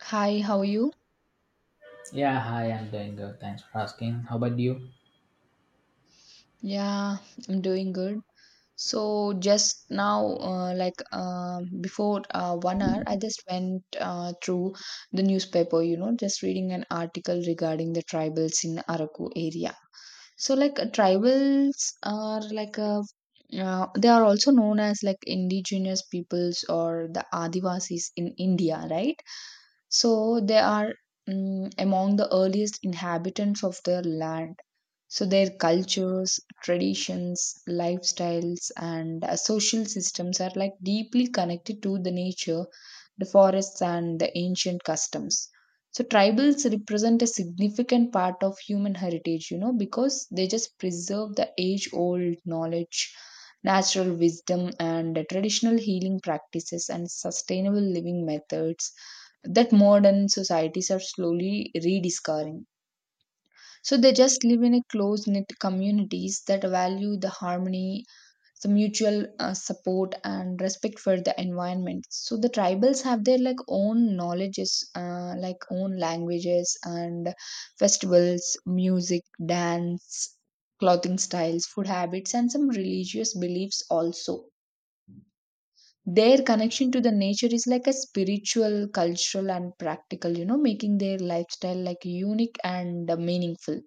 Hi, how are you? Yeah, hi, I'm doing good. Thanks for asking. How about you? Yeah, I'm doing good. So just now, like before 1 hour I just went through the newspaper, just reading an article regarding the tribals in Araku area. Tribals are like a they are also known as like indigenous peoples or the Adivasis in India, right? So they are among the earliest inhabitants of the land. So their cultures, traditions, lifestyles, and social systems are like deeply connected to the nature, the forests, and the ancient customs. So tribals represent a significant part of human heritage, because they just preserve the age-old knowledge, natural wisdom, and traditional healing practices and sustainable living methods that modern societies are slowly rediscovering. So they just live in a close knit communities that value the harmony, the mutual support, and respect for the environment. So the tribals have their like own knowledges, like own languages and festivals, music, dance, clothing styles, food habits, and some religious beliefs also. Their connection to the nature is like a spiritual, cultural, and practical, making their lifestyle like unique and meaningful.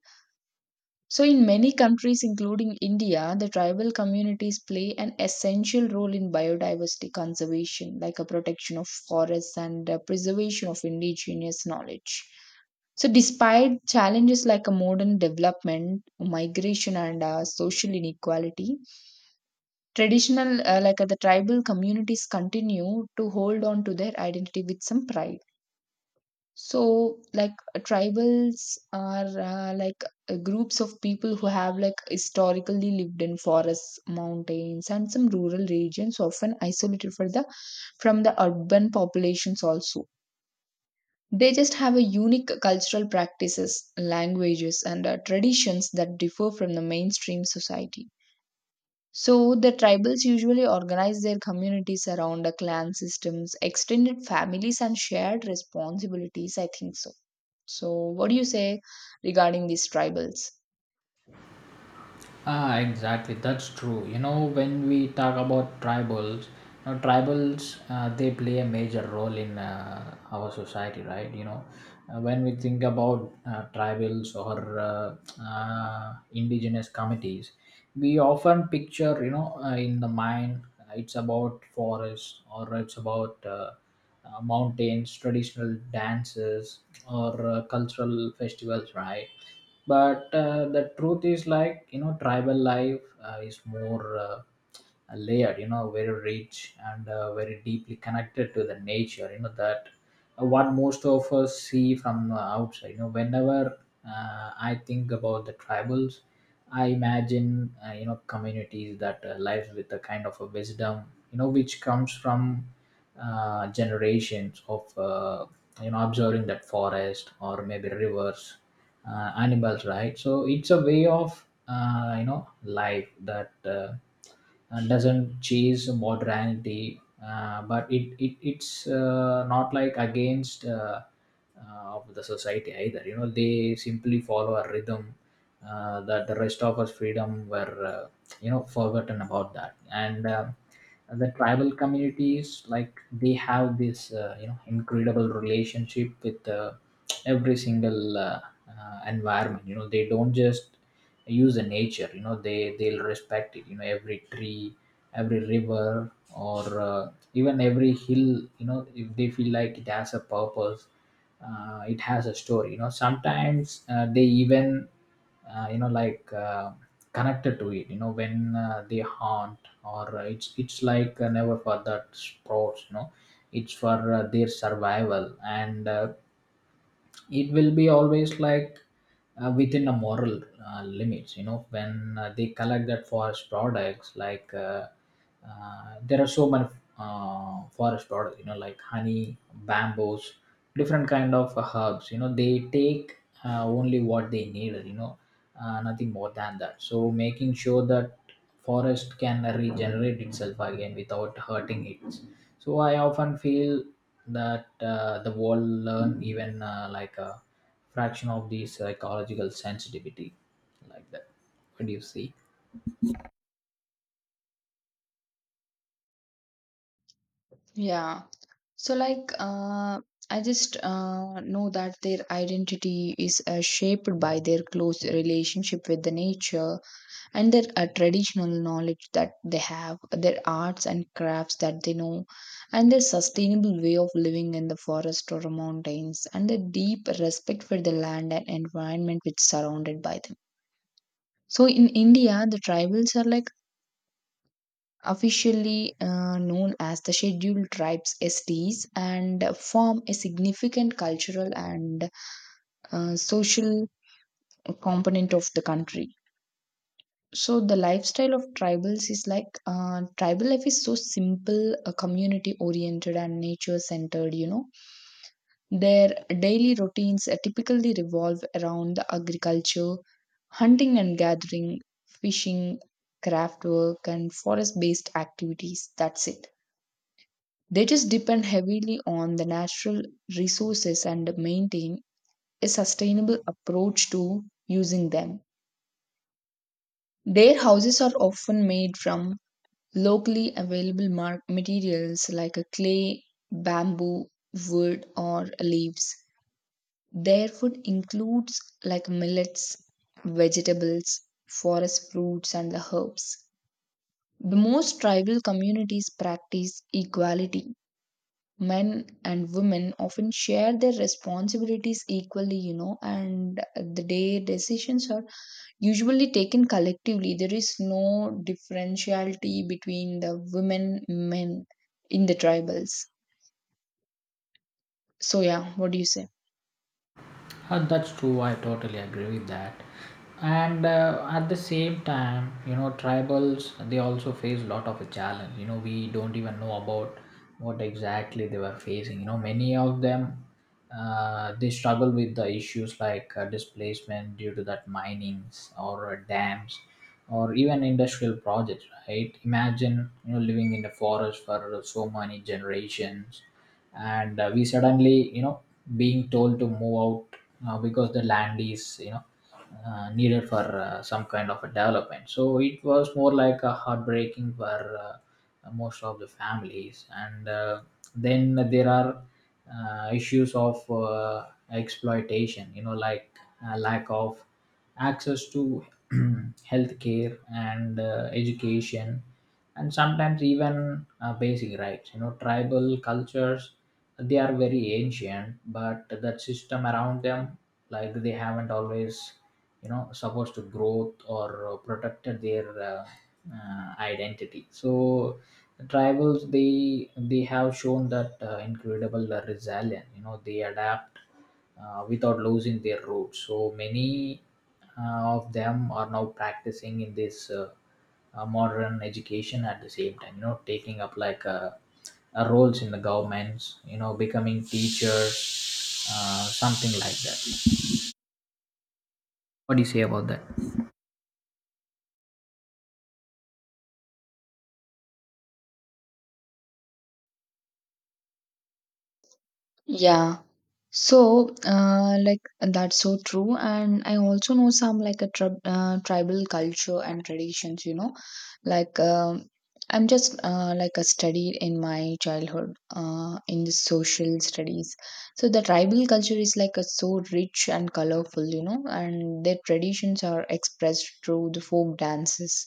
So, in many countries, including India, the tribal communities play an essential role in biodiversity conservation, like a protection of forests and preservation of indigenous knowledge. So, despite challenges like a modern development, migration, and social inequality, traditional, like the tribal communities, continue to hold on to their identity with some pride. So, tribals are groups of people who have like historically lived in forests, mountains, and some rural regions, often isolated for the from the urban populations also. They just have a unique cultural practices, languages, and traditions that differ from the mainstream society. So the tribals usually organize their communities around a clan systems, extended families, and shared responsibilities, I think so. So what do you say regarding these tribals? Ah, exactly. That's true. You know, when we talk about tribals, you know, tribals, they play a major role in our society, right? You know, when we think about tribals or indigenous communities, we often picture, you know, in the mind, it's about forest or it's about mountains, traditional dances, or cultural festivals, right? But the truth is, like, you know, tribal life is more layered, you know, very rich and very deeply connected to the nature, you know, that what most of us see from outside. You know, whenever I think about the tribals, I imagine you know communities that lives with a kind of a wisdom you know which comes from generations of you know observing that forest or maybe rivers, animals, right? So it's a way of you know life that doesn't chase modernity, but it's not like against of the society either. You know they simply follow a rhythm that the rest of us freedom were you know forgotten about that, and the tribal communities, like they have this you know incredible relationship with every single environment. You know they don't just use the nature. You know they'll respect it. You know every tree, every river, or even every hill, you know, if they feel like it has a purpose, it has a story. You know sometimes they even you know connected to it. You know when they haunt, or it's like never for that sports. You know it's for their survival, and it will be always like within a moral limits. You know when they collect that forest products, like there are so many forest products, you know, like honey, bamboos, different kind of herbs. You know they take only what they needed, you know, nothing more than that, so making sure that forest can regenerate itself again without hurting it. So I often feel that the world learn even like a fraction of this ecological sensitivity like that. What do you see? Yeah. So like I just know that their identity is shaped by their close relationship with the nature and their traditional knowledge that they have, their arts and crafts that they know, and their sustainable way of living in the forest or mountains, and their deep respect for the land and environment which surrounded by them. So in India, the tribals are like officially known as the scheduled tribes, STs, and form a significant cultural and social component of the country. So the lifestyle of tribals is like tribal life is so simple, community oriented and nature centered. You know, their daily routines typically revolve around the agriculture, hunting and gathering, fishing, craft work, and forest based activities. That's it. They just depend heavily on the natural resources and maintain a sustainable approach to using them. Their houses are often made from locally available materials like a clay, bamboo, wood, or leaves. Their food includes like millets, vegetables, forest fruits, and the herbs. The most tribal communities practice equality. Men and women often share their responsibilities equally, you know, and the day decisions are usually taken collectively. There is no differentiality between the women men in the tribals. So yeah, what do you say? That's true. I totally agree with that. And at the same time, you know, tribals they also face a lot of a challenge. You know, we don't even know about what exactly they were facing. You know, many of them they struggle with the issues like displacement due to that minings or dams or even industrial projects. Right? Imagine you know living in the forest for so many generations, and we suddenly, you know, being told to move out because the land is, you know, needed for some kind of a development. So it was more like a heartbreaking for most of the families, and then there are issues of exploitation, you know, like lack of access to healthcare and education, and sometimes even basic rights. You know tribal cultures, they are very ancient, but that system around them, like they haven't always, you know, supposed to growth or protected their identity. So the tribals, they have shown that incredible resilience. You know they adapt without losing their roots. So many of them are now practicing in this modern education, at the same time, you know, taking up like roles in the governments, you know, becoming teachers, something like that. What do you say about that? Yeah. So, like that's so true, and I also know some tribal culture and traditions. You know, like I'm just like a studied in my childhood in the social studies. So the tribal culture is like a so rich and colorful. You know, and their traditions are expressed through the folk dances,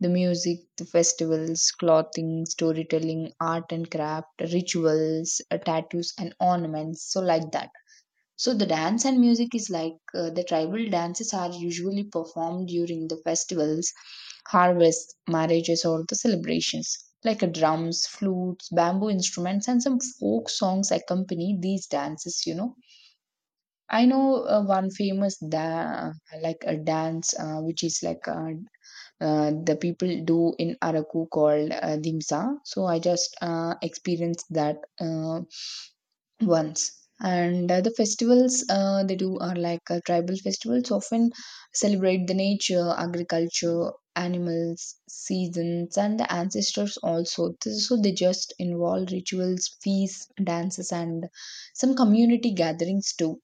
the music, the festivals, clothing, storytelling, art and craft, rituals, tattoos and ornaments, so like that. So the dance and music is like the tribal dances are usually performed during the festivals, harvests, marriages or the celebrations. Like drums, flutes, bamboo instruments and some folk songs accompany these dances, you know. I know one famous da- like a dance which is like a the people do in Araku called dimsa. So I just experienced that once. And the festivals they do are like tribal festivals, often celebrate the nature, agriculture, animals, seasons, and the ancestors also. So they just involve rituals, feasts, dances, and some community gatherings too.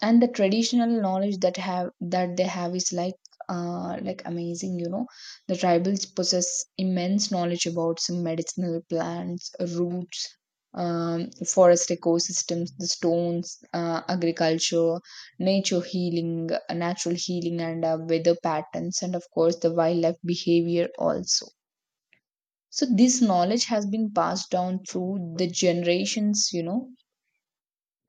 And the traditional knowledge that have that they have is like amazing, you know. The tribals possess immense knowledge about some medicinal plants, roots, forest ecosystems, the stones, agriculture, nature healing natural healing, and weather patterns, and of course the wildlife behavior also. So this knowledge has been passed down through the generations, you know.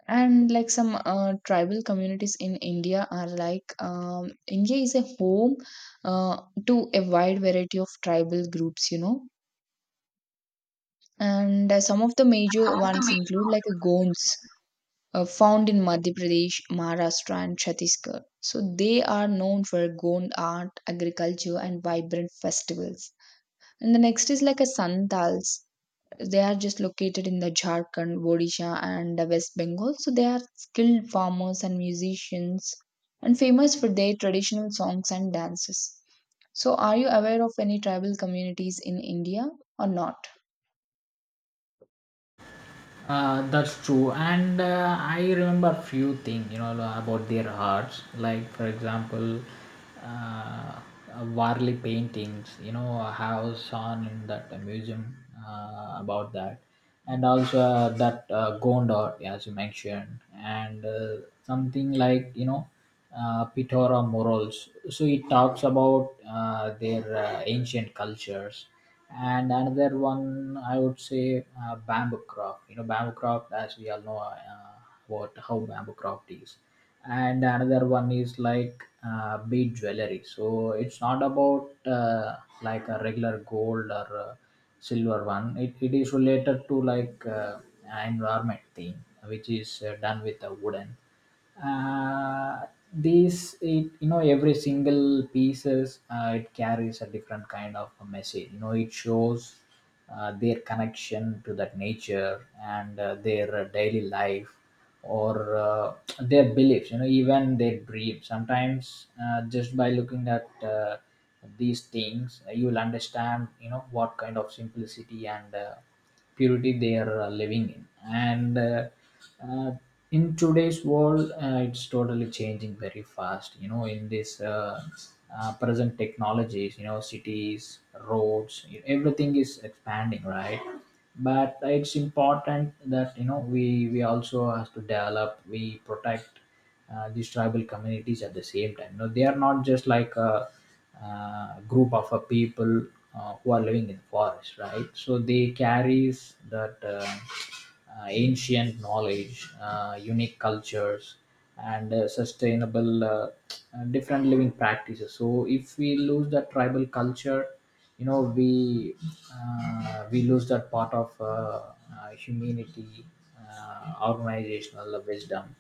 And like some tribal communities in India are like India is a home uh, to a wide variety of tribal groups, you know. And some of the major ones include like Gonds, found in Madhya Pradesh, Maharashtra and Chhattisgarh. So they are known for Gond art, agriculture and vibrant festivals. And the next is like a Santals. They are just located in the Jharkhand, Odisha, and West Bengal. So they are skilled farmers and musicians and famous for their traditional songs and dances. So, are you aware of any tribal communities in India or not? That's true, and I remember few things, you know, about their arts. Like for example, uh, uh, Warli paintings. You know, I have seen in that museum about that, and also that Gondor, as you mentioned, and something like, you know, Pitora morals. So it talks about their ancient cultures, and another one I would say bamboo craft. You know bamboo craft, as we all know, what how bamboo craft is. And another one is like bead jewelry. So it's not about uh, like a regular gold or silver one. It is related to like environment thing, which is done with a wooden uh, these. It, you know, every single pieces, it carries a different kind of a message. You know it shows their connection to that nature and their daily life, or their beliefs, you know, even their dreams. Sometimes just by looking at these things, you will understand, you know, what kind of simplicity and purity they are living in. And uh, in today's world, it's totally changing very fast. You know in this present technologies, you know, cities, roads, everything is expanding, right? But it's important that, you know, we also have to develop, we protect these tribal communities at the same time. No, they are not just like a, group of a people who are living in the forest, right? So they carries that ancient knowledge, unique cultures, and sustainable different living practices. So if we lose that tribal culture, you know we lose that part of humanity, organizational wisdom,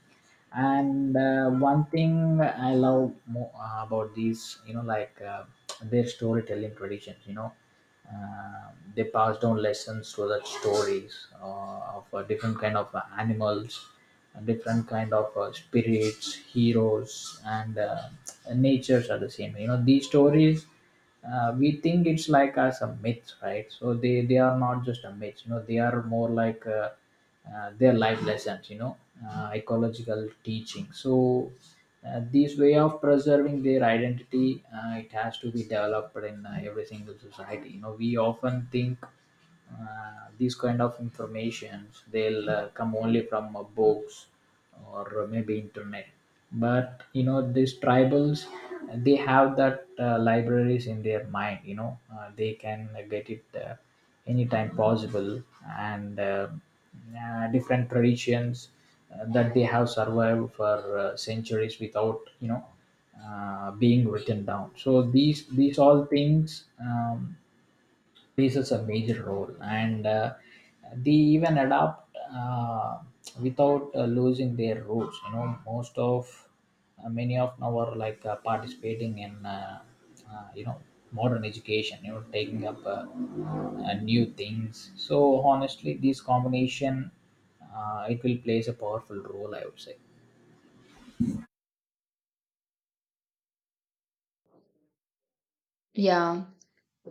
and one thing I love about these, you know, like their storytelling traditions. You know uh, they pass down lessons through the stories of different kind of animals, different kind of spirits, heroes, and natures are the same. You know these stories, we think it's like as a myth, right? So they are not just a myth. You know they are more like their life lessons, you know, ecological teaching. So this way of preserving their identity, it has to be developed in every single society. You know we often think these kind of informations they'll come only from books or maybe internet. But you know these tribals, they have that libraries in their mind. You know they can get it anytime possible, and different traditions that they have survived for centuries without, you know, being written down. So these all things plays such a major role, and they even adapt without losing their roots. You know, most of many of now are like participating in you know modern education. You know, taking up new things. So honestly, this combination it will plays a powerful role, I would say. Yeah.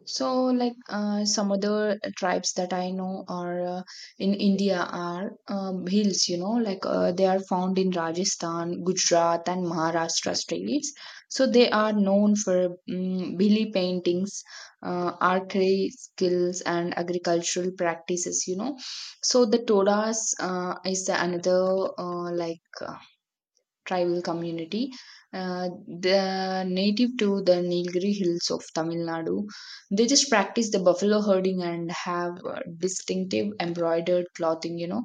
So, like some other tribes that I know are in India are hills, you know, like they are found in Rajasthan, Gujarat, and Maharashtra states. So, they are known for billy paintings, archery skills, and agricultural practices, you know. So, the Todas is the another uh, like tribal community. The native to the Nilgiri hills of Tamil Nadu, they just practice the buffalo herding and have distinctive embroidered clothing, you know.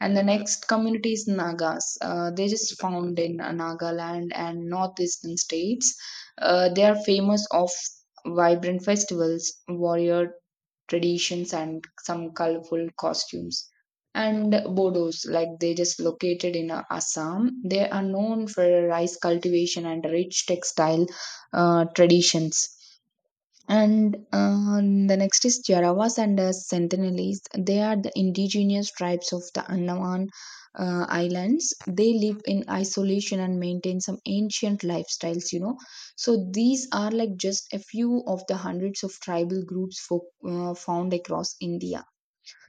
And the next community is Nagas. They just found in Nagaland and northeastern states. They are famous of vibrant festivals, warrior traditions and some colorful costumes. And Bodos, like they just located in Assam, they are known for rice cultivation and rich textile traditions. And the next is Jarawas and Sentinelese. They are the indigenous tribes of the Andaman Islands. They live in isolation and maintain some ancient lifestyles, you know. So these are like just a few of the hundreds of tribal groups for, found across India.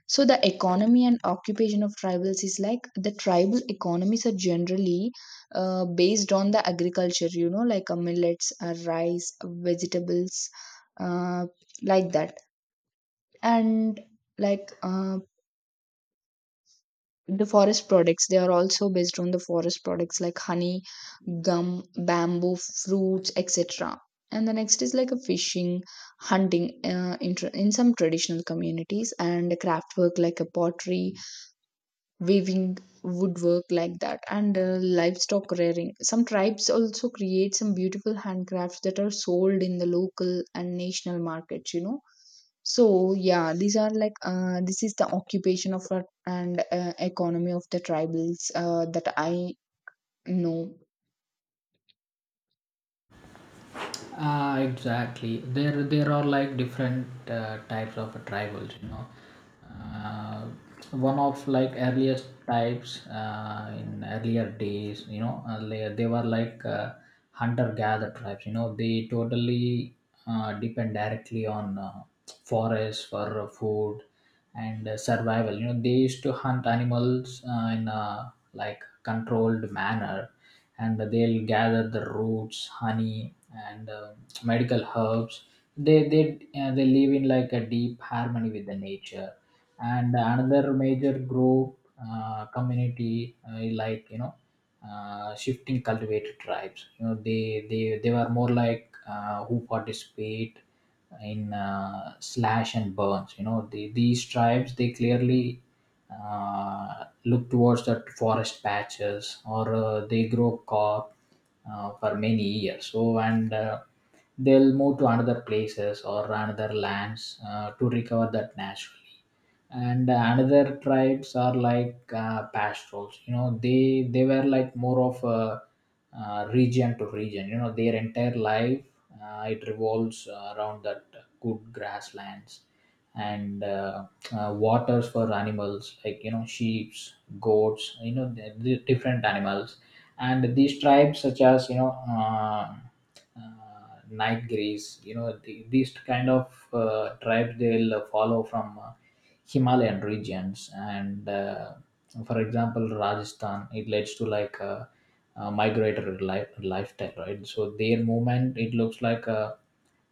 So the economy and occupation of tribals is like the tribal economies are generally based on the agriculture, you know, like millets, rice, vegetables, uh, like that. And like they are also based on the forest products like honey, gum, bamboo, fruits, etc. And the next is like a fishing, hunting in some traditional communities, and craft work like a pottery, weaving, woodwork like that, and livestock rearing. Some tribes also create some beautiful handcrafts that are sold in the local and national markets, you know. So yeah, these are like this is the occupation of our, and economy of the tribals that I know. Ah, exactly. There are like different types of tribals. You know, uh, one of like earliest types in earlier days. You know, earlier they were like hunter-gatherer tribes. You know, they totally depend directly on forests for food and survival. You know they used to hunt animals in a like controlled manner, and they'll gather the roots, honey, and medical herbs. They they live in like a deep harmony with the nature. And another major group, community, like, you know, shifting cultivated tribes. You know they were more like who participate in slash and burns. You know, the, these tribes they clearly look towards the forest patches, or they grow crop for many years. So, and they'll move to another places or another lands to recover that naturally. And another tribes are like pastorals. You know they were like more of a region to region. You know their entire life, it revolves around that good grasslands and waters for animals, like, you know, sheep, goats. You know the different animals, and these tribes, such as, you know, night grays. You know the, these kind of tribes, they'll follow from Himalayan regions, and for example, Rajasthan. It leads to like a migratory life, lifestyle, right? So their movement, it looks like a,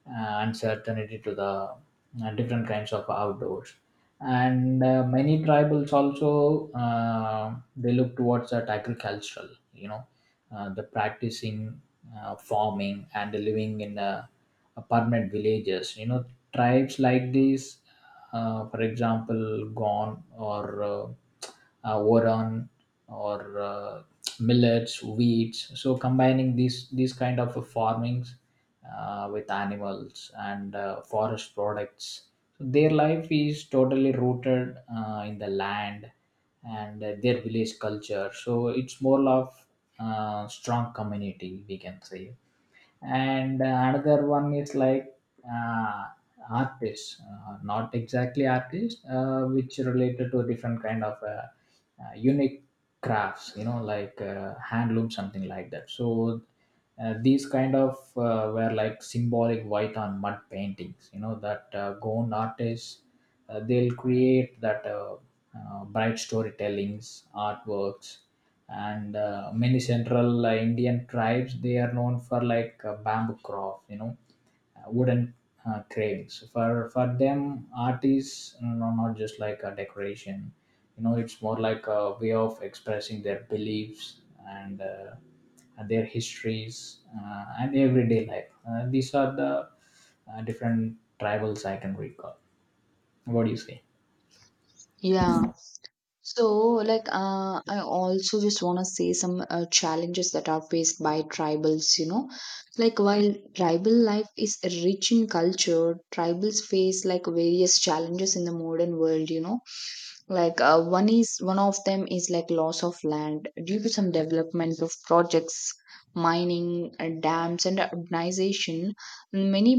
uncertainty to the different kinds of outdoors. And many tribals also they look towards that agricultural. You know the practicing farming and living in permanent villages. You know tribes like these, for example, gone, or boron, or millets, wheats. So combining these kind of farmings with animals and forest products, so their life is totally rooted in the land and their village culture. So it's more of strong community we can say. And another one is like. Uh, Artists, not exactly artists, which related to different kind of unique crafts, you know, like handloom, something like that. So these kind of were like symbolic white on mud paintings, you know, that Goan artists, they'll create that bright storytellings, artworks, and many central Indian tribes, they are known for like bamboo craft, you know, wooden cravings. For them, art is you not just like a decoration. You know, it's more like a way of expressing their beliefs and uh, and their histories and everyday life. These are the different tribals I can recall. What do you say? Yeah. So, I also just want to say some challenges that are faced by tribals, you know. Like, while tribal life is rich in culture, tribals face like various challenges in the modern world, you know. One of them is like loss of land due to some development of projects, mining, dams, and urbanization. Many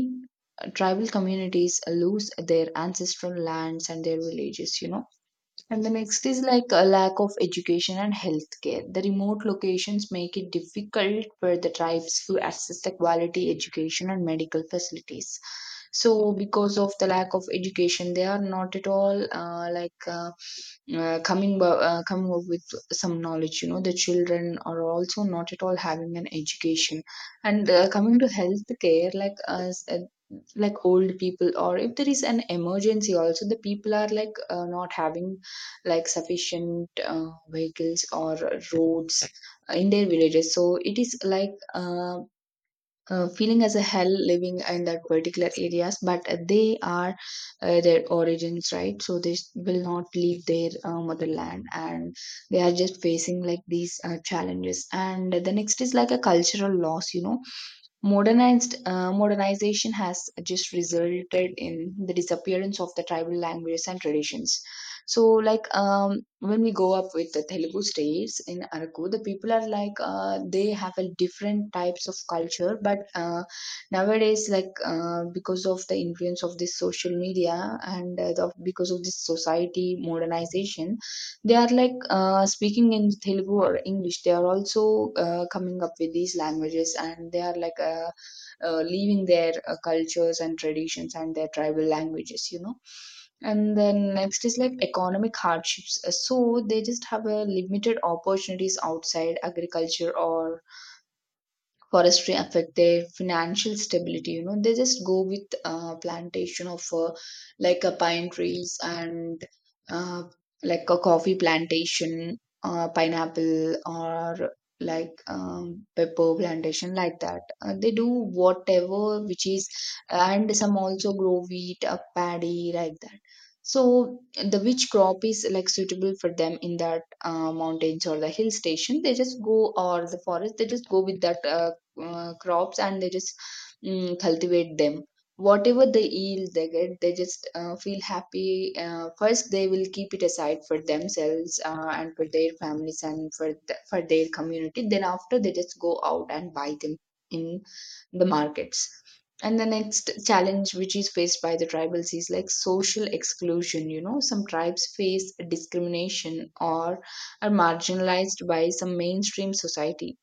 tribal communities lose their ancestral lands and their villages, you know. And the next is like a lack of education and healthcare. The remote locations make it difficult for the tribes to access the quality education and medical facilities. So, because of the lack of education, they are not at all coming up with some knowledge. You know, the children are also not at all having an education. And coming to healthcare, like as like old people, or if there is an emergency also, the people are like not having like sufficient vehicles or roads in their villages. So it is like feeling as a hell living in that particular areas, but they are their origins, right? So they will not leave their motherland, and they are just facing like these challenges. And the next is like a cultural loss, you know. Modernized Modernization has just resulted in the disappearance of the tribal languages and traditions. So, like when we go up with the Telugu states in Araku, the people are like they have a different types of culture, but nowadays, like because of the influence of this social media and because of this society modernization, they are like speaking in Telugu or English. They are also coming up with these languages, and they are leaving their cultures and traditions and their tribal languages. You know. And then next is like economic hardships. So they just have a limited opportunities outside agriculture or forestry affect their financial stability, you know, they just go with plantation of like pine trees and uh, like a coffee plantation, pineapple, or like pepper plantation, like that they do whatever which is, and some also grow wheat, paddy, like that. So the which crop is like suitable for them in that mountains or the hill station, they just go, or the forest, they just go with that crops, and they just cultivate them. Whatever the yield they get, they just feel happy. First they will keep it aside for themselves, and for their families and for for their community, then after they just go out and buy them in the markets. And the next challenge which is faced by the tribals is like social exclusion, you know, some tribes face discrimination or are marginalized by some mainstream society.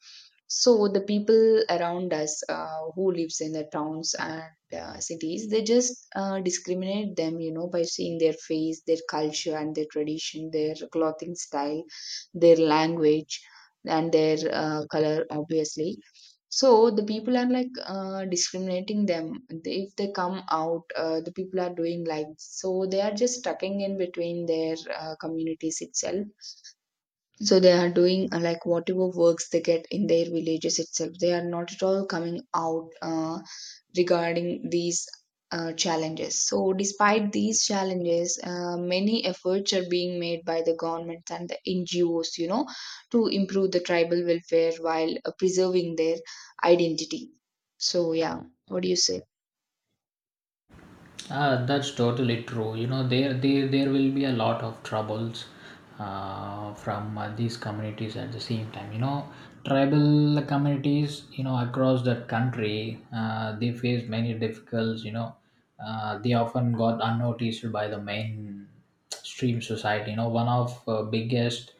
So the people around us, who lives in the towns and cities, they just discriminate them, you know, by seeing their face, their culture and their tradition, their clothing style, their language, and their color obviously. So the people are like discriminating them. If they come out, the people are doing like, so they are just stucking in between their communities itself. So they are doing like whatever works they get in their villages itself. They are not at all coming out regarding these challenges. So, despite these challenges, many efforts are being made by the government and the NGOs, you know, to improve the tribal welfare while preserving their identity. So, yeah, what do you say? Ah, that's totally true. You know, there will be a lot of troubles from these communities at the same time, you know, tribal communities, you know, across the country, they face many difficulties, you know, they often got unnoticed by the main stream society. You know, one of biggest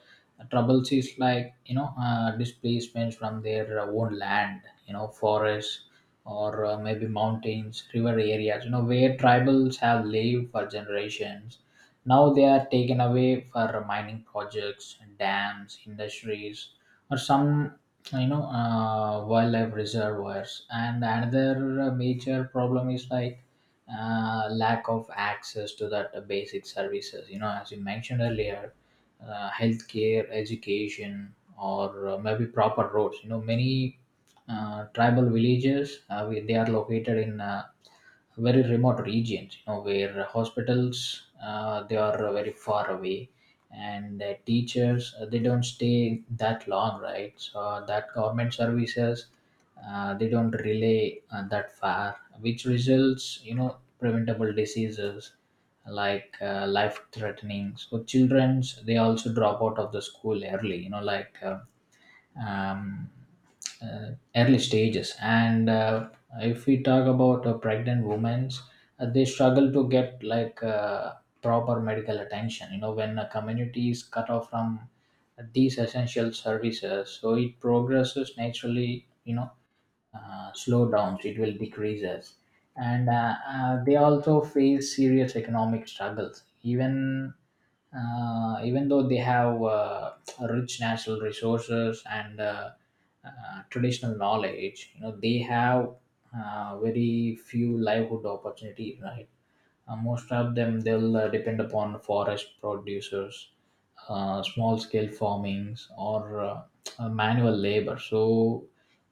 troubles is like, you know, displacements from their own land, you know, forests or maybe mountains, river areas, you know, where tribals have lived for generations. Now they are taken away for mining projects, dams, industries, or some, you know, wildlife reservoirs. And another major problem is like lack of access to that basic services. You know, as you mentioned earlier, healthcare, education, or maybe proper roads. You know, many tribal villages. They are located in very remote regions, you know, where hospitals they are very far away, and teachers they don't stay that long, right? So that government services they don't relay that far, which results, you know, preventable diseases like life threatening. So childrens they also drop out of the school early, you know, um, early stages. And if we talk about pregnant women, they struggle to get like proper medical attention. You know, when a community is cut off from these essential services, so it progresses naturally. You know, slowdowns, it will decreases. And They also face serious economic struggles. Even even though they have rich natural resources and traditional knowledge, you know they have very few livelihood opportunities, right? Most of them they'll depend upon forest producers, small scale farmings, or manual labor. So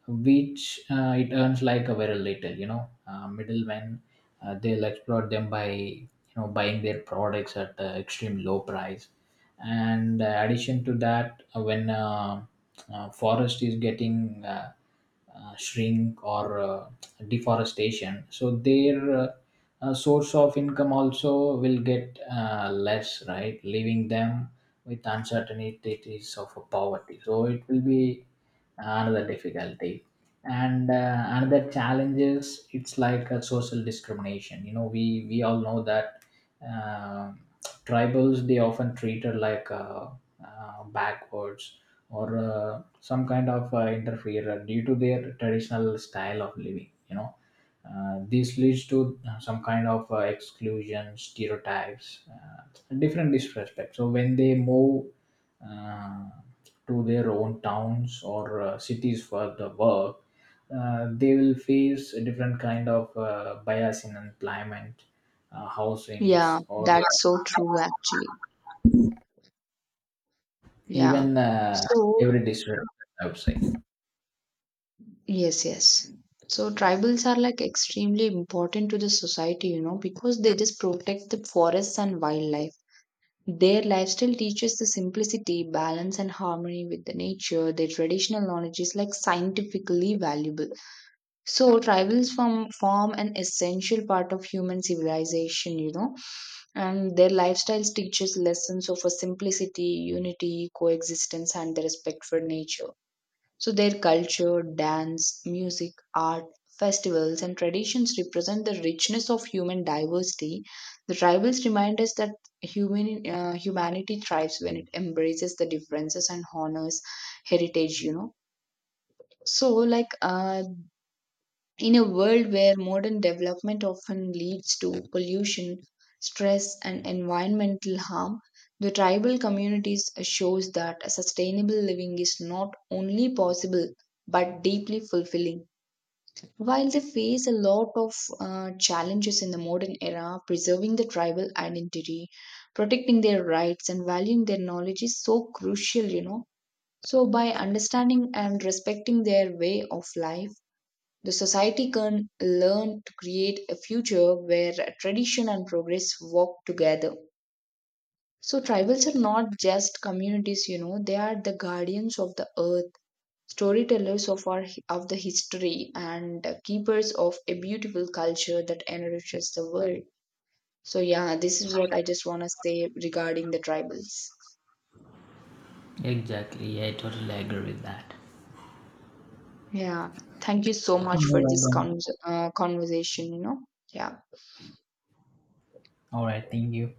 which it earns like a very little, you know, middlemen they'll exploit them by, you know, buying their products at extreme low price. And addition to that, when forest is getting shrink or deforestation, so their source of income also will get less, right, leaving them with uncertainties of poverty. So it will be another difficulty. And another challenge is it's like a social discrimination. You know, we all know that uh, tribals they often treated like backwards or some kind of interferer due to their traditional style of living. You know, this leads to some kind of exclusion, stereotypes, different disrespect. So when they move uh, to their own towns or cities for the work, they will face a different kind of bias in employment, Yeah, housings, or that's so true actually. Yeah. even So, every district, I would say. yes, yes. So tribals are like extremely important to the society, you know, because they just protect the forests and wildlife. Their lifestyle teaches the simplicity, balance, and harmony with the nature. Their traditional knowledge is like scientifically valuable. So tribals form an essential part of human civilization, you know, and their lifestyles teaches lessons of a simplicity, unity, coexistence, and the respect for nature. So their culture, dance, music, art, festivals, and traditions represent the richness of human diversity. The tribals remind us that humanity thrives when it embraces the differences and honors heritage. You know, so like in a world where modern development often leads to pollution, stress, and environmental harm, the tribal communities shows that a sustainable living is not only possible but deeply fulfilling. While they face a lot of challenges in the modern era, preserving the tribal identity, protecting their rights, and valuing their knowledge is so crucial, you know. So, by understanding and respecting their way of life, the society can learn to create a future where tradition and progress walk together. So, tribals are not just communities, you know, they are the guardians of the earth, storytellers of the history, and keepers of a beautiful culture that enriches the world. So, yeah, this is what I just want to say regarding the tribals. Exactly. I totally agree with that. Yeah, thank you so All much for right, this then. Conversation, you know. Yeah. All right, thank you.